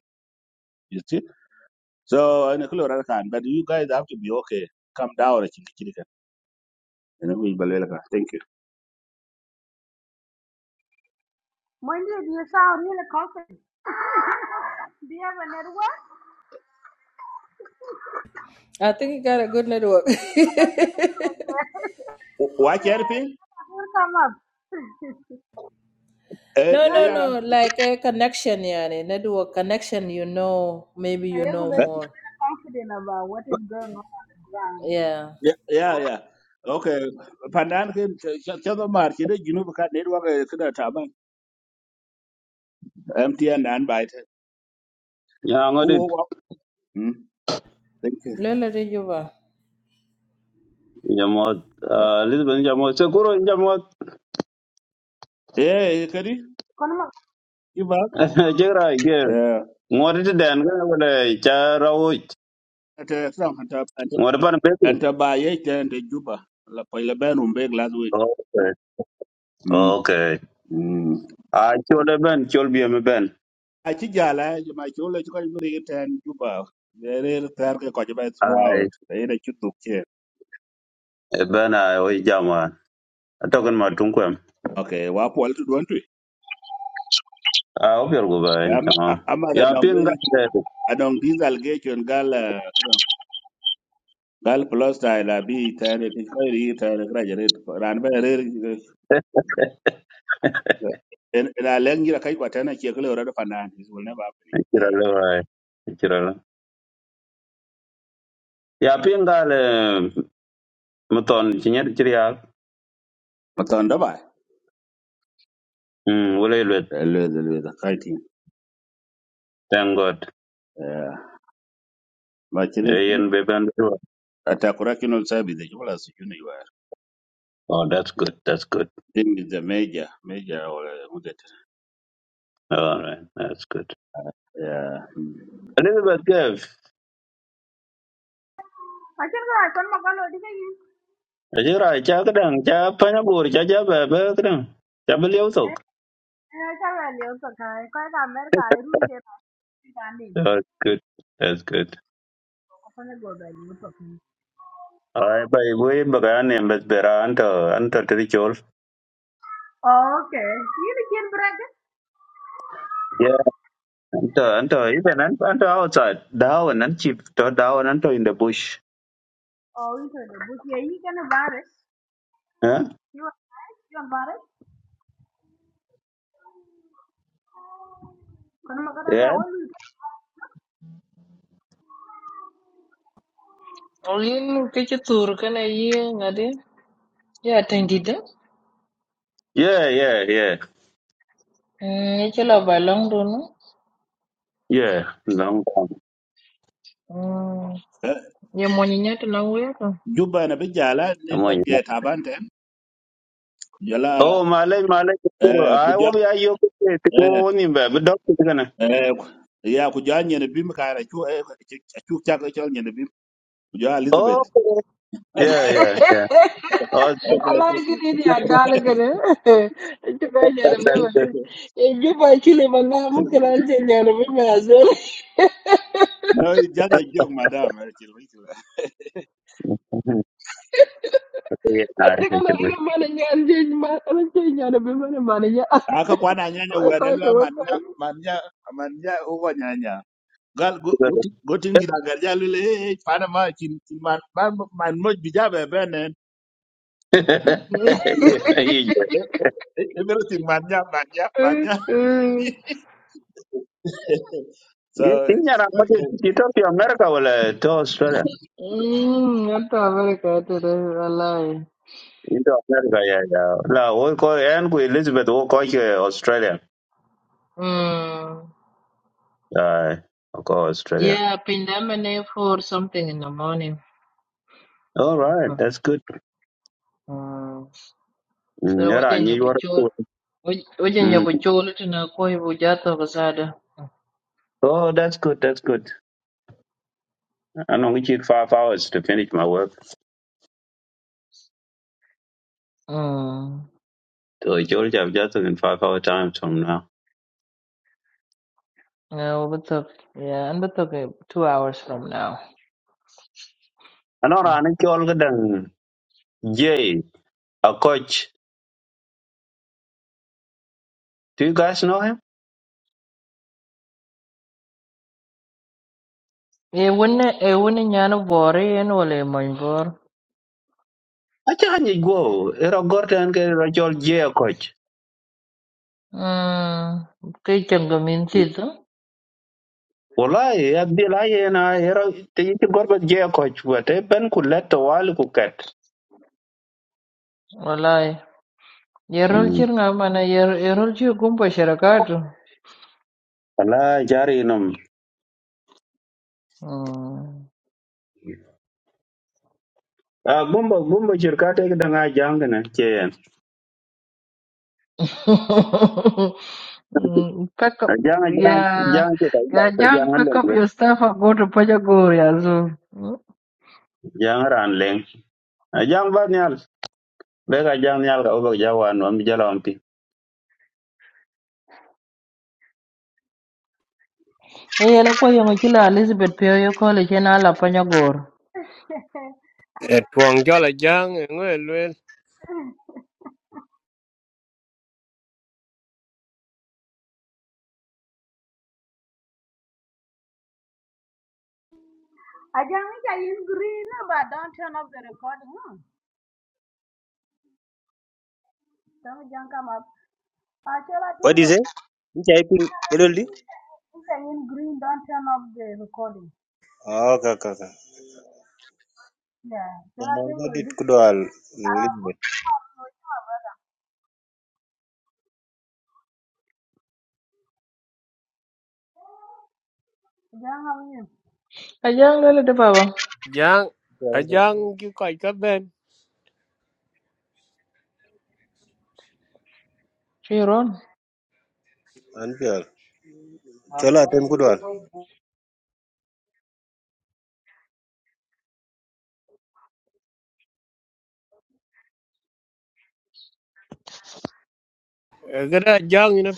So I know rather can, but you guys have to be okay. Come down, chicken, chicken. You know, we believe that. Thank you.
When you do you sound really confident? Do you have a network?
I think you got a good network.
Why helping?
will come up.
Uh,
no,
no,
no,
you
yeah,
no. Like a connection, yeah. Network connection, you know, maybe
are
you know
Eh,
really
more.
confident about what is going on on the ground.
Yeah.
yeah, yeah, yeah. Okay, pandan ken chado mar chide jinu ka ne wa ka da taban MTN an bai ta.
ya ngodit
Wo wo. Hmm. Thank you.
Lola de Juba.
jamot
Yep.
lisbon jamot se kuro jamot
Eh, kadi
Konoma,
iba
jegra ge
eh
ngori ti den ga wala cha rawi
ta sam ta
ngori pan be
ta ta ba ye ta ta juba la pa la ben um last week.
okay
Hmm.
okay
Hmm.
a chole ben chol bi me ben
a ci jala ju ma ci le ci ko mi ten juba re re tar ke ko ju ba
ai
throughout e ne ci duk che
e ben ai o jama token ma tun kwem
okay wa pol tu don tu
a obier go bai
am
tamam
am da
ya
dong
pinga
adong this allegation gal eh, kira- gal plus style abi tan ti ko ri tan graduate ran ba re en la lengi kai ko tan ke ko ra da fanan is will never happen
de kira
again
le bai kira le ya pinga le muton chinyer kiriak
matan da ba
mm wala le
Eh, le le le da kai ti
thank god
ma ci
Yeah, yen be ben do.
atakura kino sabi da jula su juni wa
oh that's good that's good
then is the major major or uh, who the
All right, that's good.
Yeah.
Elizabeth Gave,
I can go. Konoma,
Ajira, Chakadang, Chapanabur, Chajaba, Bertrand, Chabaliotok.
Acha wale utoka kwanza Amerika irun ke kitani
That's good. That's good.
afanye goda ni utoka.
All right, by way, Bagan, Mbesbera, Anto, Anto Trichol.
Oh okay. Yini kin break?
Yeah, Anto, Anto, even Anto Anto outside, down and cheap, down Anto in the bush.
Oh into the But ye yi kana bare.
Huh?
You are right, you are bare. Kono makata le
Yeah?
wolu.
Olin ke ci tur kana yi ngade ya tandida
Yeah, yeah, yeah.
ne ci la balong do no.
Yeah, long time.
Mm. Ye mo ni nyati la wuya ka.
Juba na bijala
Come on,
network
you know.
ya tabante jala
Oh, Malay, Malay,
eh
I
kuja
will be a yoke, to
eh
go on in, bed, but doctor,
eh ya kuja nyene bim kara chu eh chu chak chol nyene bim kuja
Oh,
Elizabeth
yeah, yeah, yeah.
okay
Ala
thank you
gidi ni
That,
adala gidi. Ito ba nyana
that,
mi
that's
ma ni.
good.
E ju ba chile ma na mu kala je nyana mi ma azel.
no it's just a joke madam eh, chill chill
Mhm. Yeah, nah,
Ate
I
kala
should wish.
ala ma na nyana je ma ala je nyana mi ma na ma na ya.
aka kwana nyanya
Wa kai ko
werelwa
wa
manya
kai.
manya manya uwa nyanya gal go gotin gira garja lule eh pana ma chin chin man man man moj bijabe benen
Mm.
yeah, yeah,
Everything mania, mania, mania.
yeah.
so
In
it's
your
okay.
ambassador, you talk to America or to Australia?
Mm. Ata Amerika ate
Into America, yeah, yeah. La, we call and we Elizabeth, we call you Australia.
Mm.
Uh, we call Australia.
Yeah, Pindamane for something in the morning.
All right,
Mhm.
that's good.
Mm.
Mm,
So
yeah, nah,
wajen ya
you are
buchol wajen ya
Mm.
buchol tana koi bujata basada.
Oh, that's good. That's good. I know we need five hours to finish my work.
Mm.
So George, I've just in five hour time from now.
No, but talk. Yeah, and but talk two hours from now.
I know
Mm.
I need you all the Jay, a coach. Do you guys know him?
Eh, wouldn't eh, wouldn't yana worry and wale manbor.
Achanyi go. Era gorten ke rachol jia coach.
Mm. Kay changamin sito.
Wallahi, Abdul Ayena, era te yiti gorbet jia coach. What a ben kulet to wali kuket.
Walai. Yerol
Mm.
chir nga mana yer yerol chir kumpa sharakatu.
Ala jari num.
Mm.
Ah, gumbo gumbo shirkate kidanga jangana cheyen.
Mm, Pack up.
Ajang ajang
Yeah,
ajang ke kai ba
yeah,
ta
John,
jang
pick
leng
up
bet.
your stuff and go to Panyagor, yeah, so. Mm.
Jang ran leng. Ajang ba nyal. Bega jang nyal ka obak jawan wa mi
Eh, yeah, lakwa yung chila Elizabeth Pioyo College, yun ala Panyagor.
Aja
E Tuong cho là giang người luôn
ngi cha yin green but don't turn off the recording. No, Don't jump come up. Achela
What do
tingo
you say? You typing LLD?
cha yin green don't turn off the recording.
Oh, okay, okay, okay.
Yeah.
Then
Achela
I'll
tingo
get it
di.
Kudwal
Ah,
Elizabeth.
my brother. Aja ngi.
Ajang lele de baba,
giang à giang cái coi các bên
chiron.
Anpiyal. Cholo atem Kudwal.
Ờ, cái đó giang nó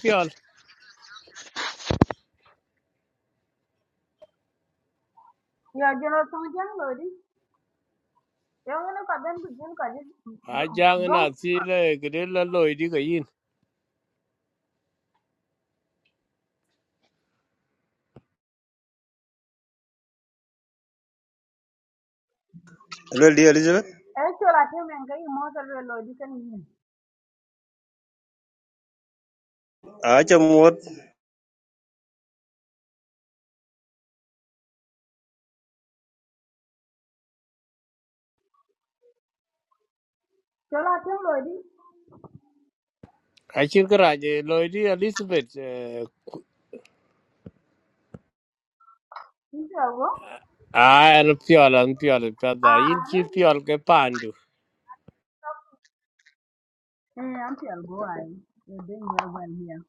Yeah, jelo tingo jelo di. Yung ano ka ben ku jin ka jin
à giang
bong
nó xí là cái đó là lôi đi cái in
LLD Elizabeth?
e chola tem en kai mo sar lo lo di kan yin.
Acha
Chola tem lo di
à chỉ cái ra lôi đi Elizabeth ờ,
in ta
à nó phiền là nó phiền là phiền là
I
chỉ
heard you.
phiền cái pandu
Eh am ti ai. You doing very well here.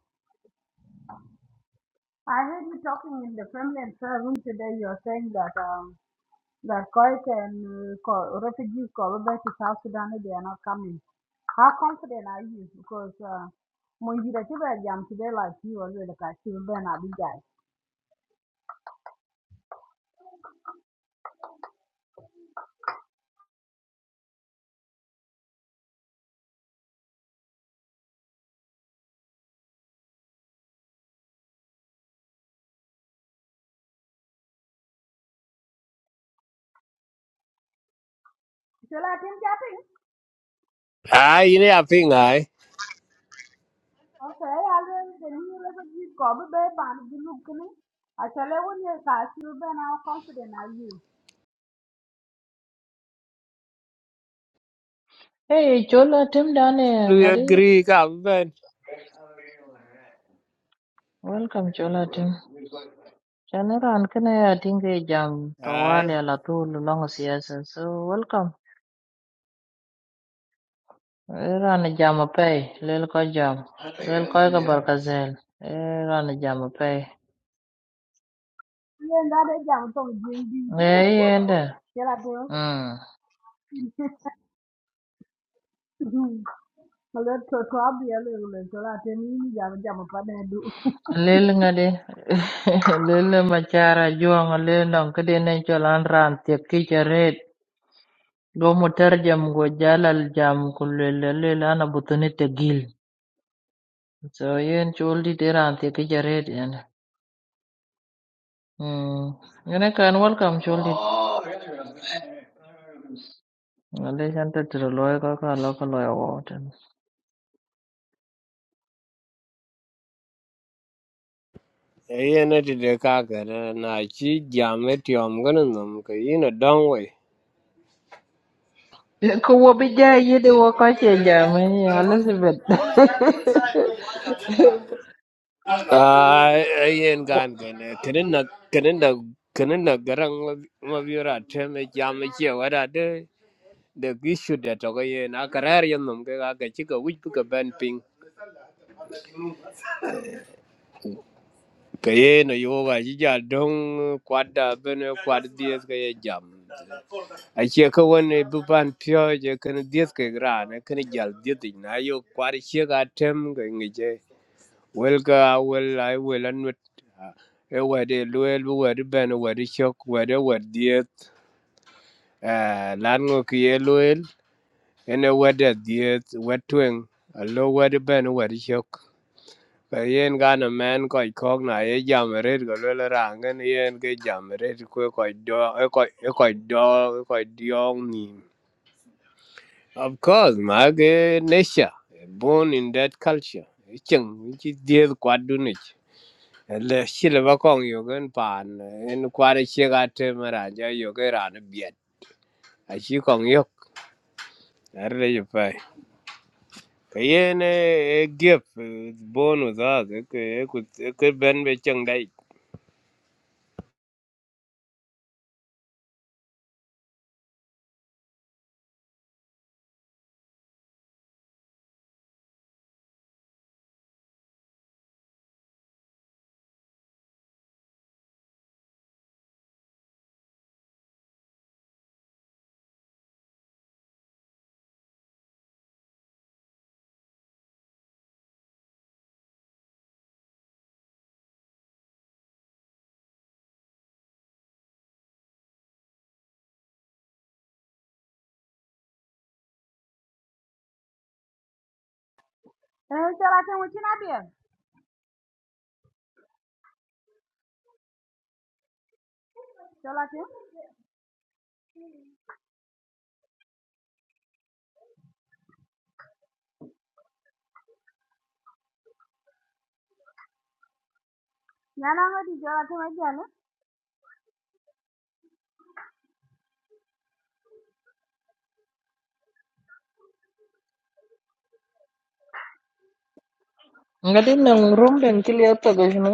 I heard you talking in the family and prayer room today. You are saying that um, that Koik and uh, Ko- refugees called back to South Sudan they are not coming. How confident are you? Because uh, when you get to jam today, like you already like I see Ben Abijay. So like him
à in là phiền ai
Okay, alwel deni yele ko ji ko be be ban ji luk ni. A chale won ye ka siru ben how confident are you?
Hey, chola tim dane,
lui
ngadi.
agree các bên
Welcome, chola tim. Chanera ankana ya tinge jam
ai
tawali ala tu lulongo siyasa, so welcome. Era na jam apay, lele ko jam. Lele ko ka barkazel. Era na jam apay.
Ye nga de jam tong jin bi de.
Ee yende.
Yela de.
Mm.
Alwel to you. Get a girl. A little to abi yele le chala te ni ni jam jam pa de du.
Lel ngade. Lel machara juang lel nong kede ne cholan ran tiep ki charet. Go mutar jam go jalal jam kulel lel ana butuni tegil. So yen choldi de ran tiep ki charet yende. Mm. Ngene kan welcome choldi. Ngale chanta tiro loy ka ka lo ka loy wo ten.
ấy nó đi được các cái đó, chỉ giảm cái tiệm cái nó nằm cái in nó đông
Ko wo bi ja yede wo ka che jam eh, Elizabeth.
Ah, yen gan gane kanin na kanin na kanin na garang mabiura teme jam e che wada de de gishu de to ga yen a karar yen nom ga ga chi ga wich bu ga ben ping ka ye no yo ga ji ja dong kwada ben e kwad dies ga ye jam a che ka won e bu ban pyo je kan dies ga gra ne kan jal dies na yo kwad che ga tem ga ngi Well, ka well, I will admit, uh, eh, wadi luel, wadi ben, wadi shock, wadi wadi diet, uh, lango kie luel, ene wadi diet, wadi twing, alo wadi ben, wadi shock. Ka yen gana man koi kok na ye jamarit ka luel rangen yen ke jamarit kwe koi do, e koi e koi do, e koi diong nim. Of course, ma ke nesha, born in that culture. Icheng, ichi diet kwadunich. le shile ba kong yo gen pan en kware che ga te mara ja yo ge ran biet a shi kong yo ar le je pai ka e gep bonu za e ke e ku e ke ben be chang
Eh chala te mo china de. Chala te. Nyana ngo di chala te ma jale.
Ngadi nang room den kiliya taga shino.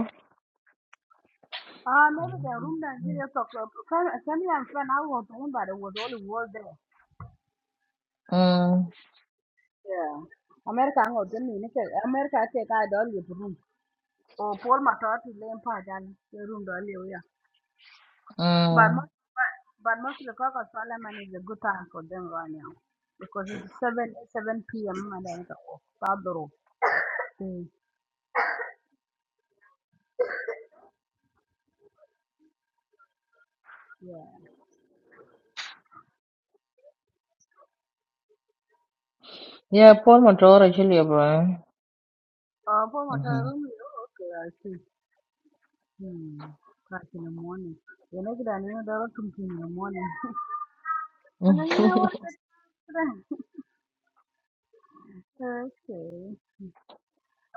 Ah maybe the room that you talk about. Family and friend how was on by the was all the world there.
Mm.
Yeah. America ngo deni ni ke America ke ka dolly room. or Paul Matot is laying part the room door yeah. But
Mm.
most but, but mostly Caucus Parliament is a good time for them right now. Because it's seven seven PM and then it's off. Badro. Yeah.
Yeah, Paul Motora kiliya bro.
Oh, Paul
Mhm.
Matot room oh, okay, I see. Hmm. Crack in the morning. You know I you know there are two in the morning.
Mm.
Well you know what okay.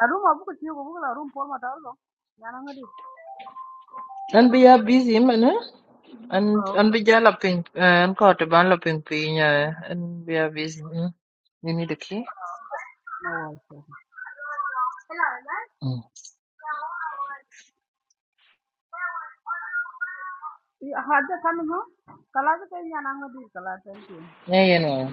A room of book you go a room Paul Matot. Yeah, I'm going
An bi ya busy man eh? An an
Okay.
bi ja lapin an ko te ban lapin pi nya. An bi ya busy. Mm. You need a key?
No worries.
Mm.
Yeah, Hajj coming home? Kalaj can Yananga di Kalaj, thank you.
Yeah, yeah, no.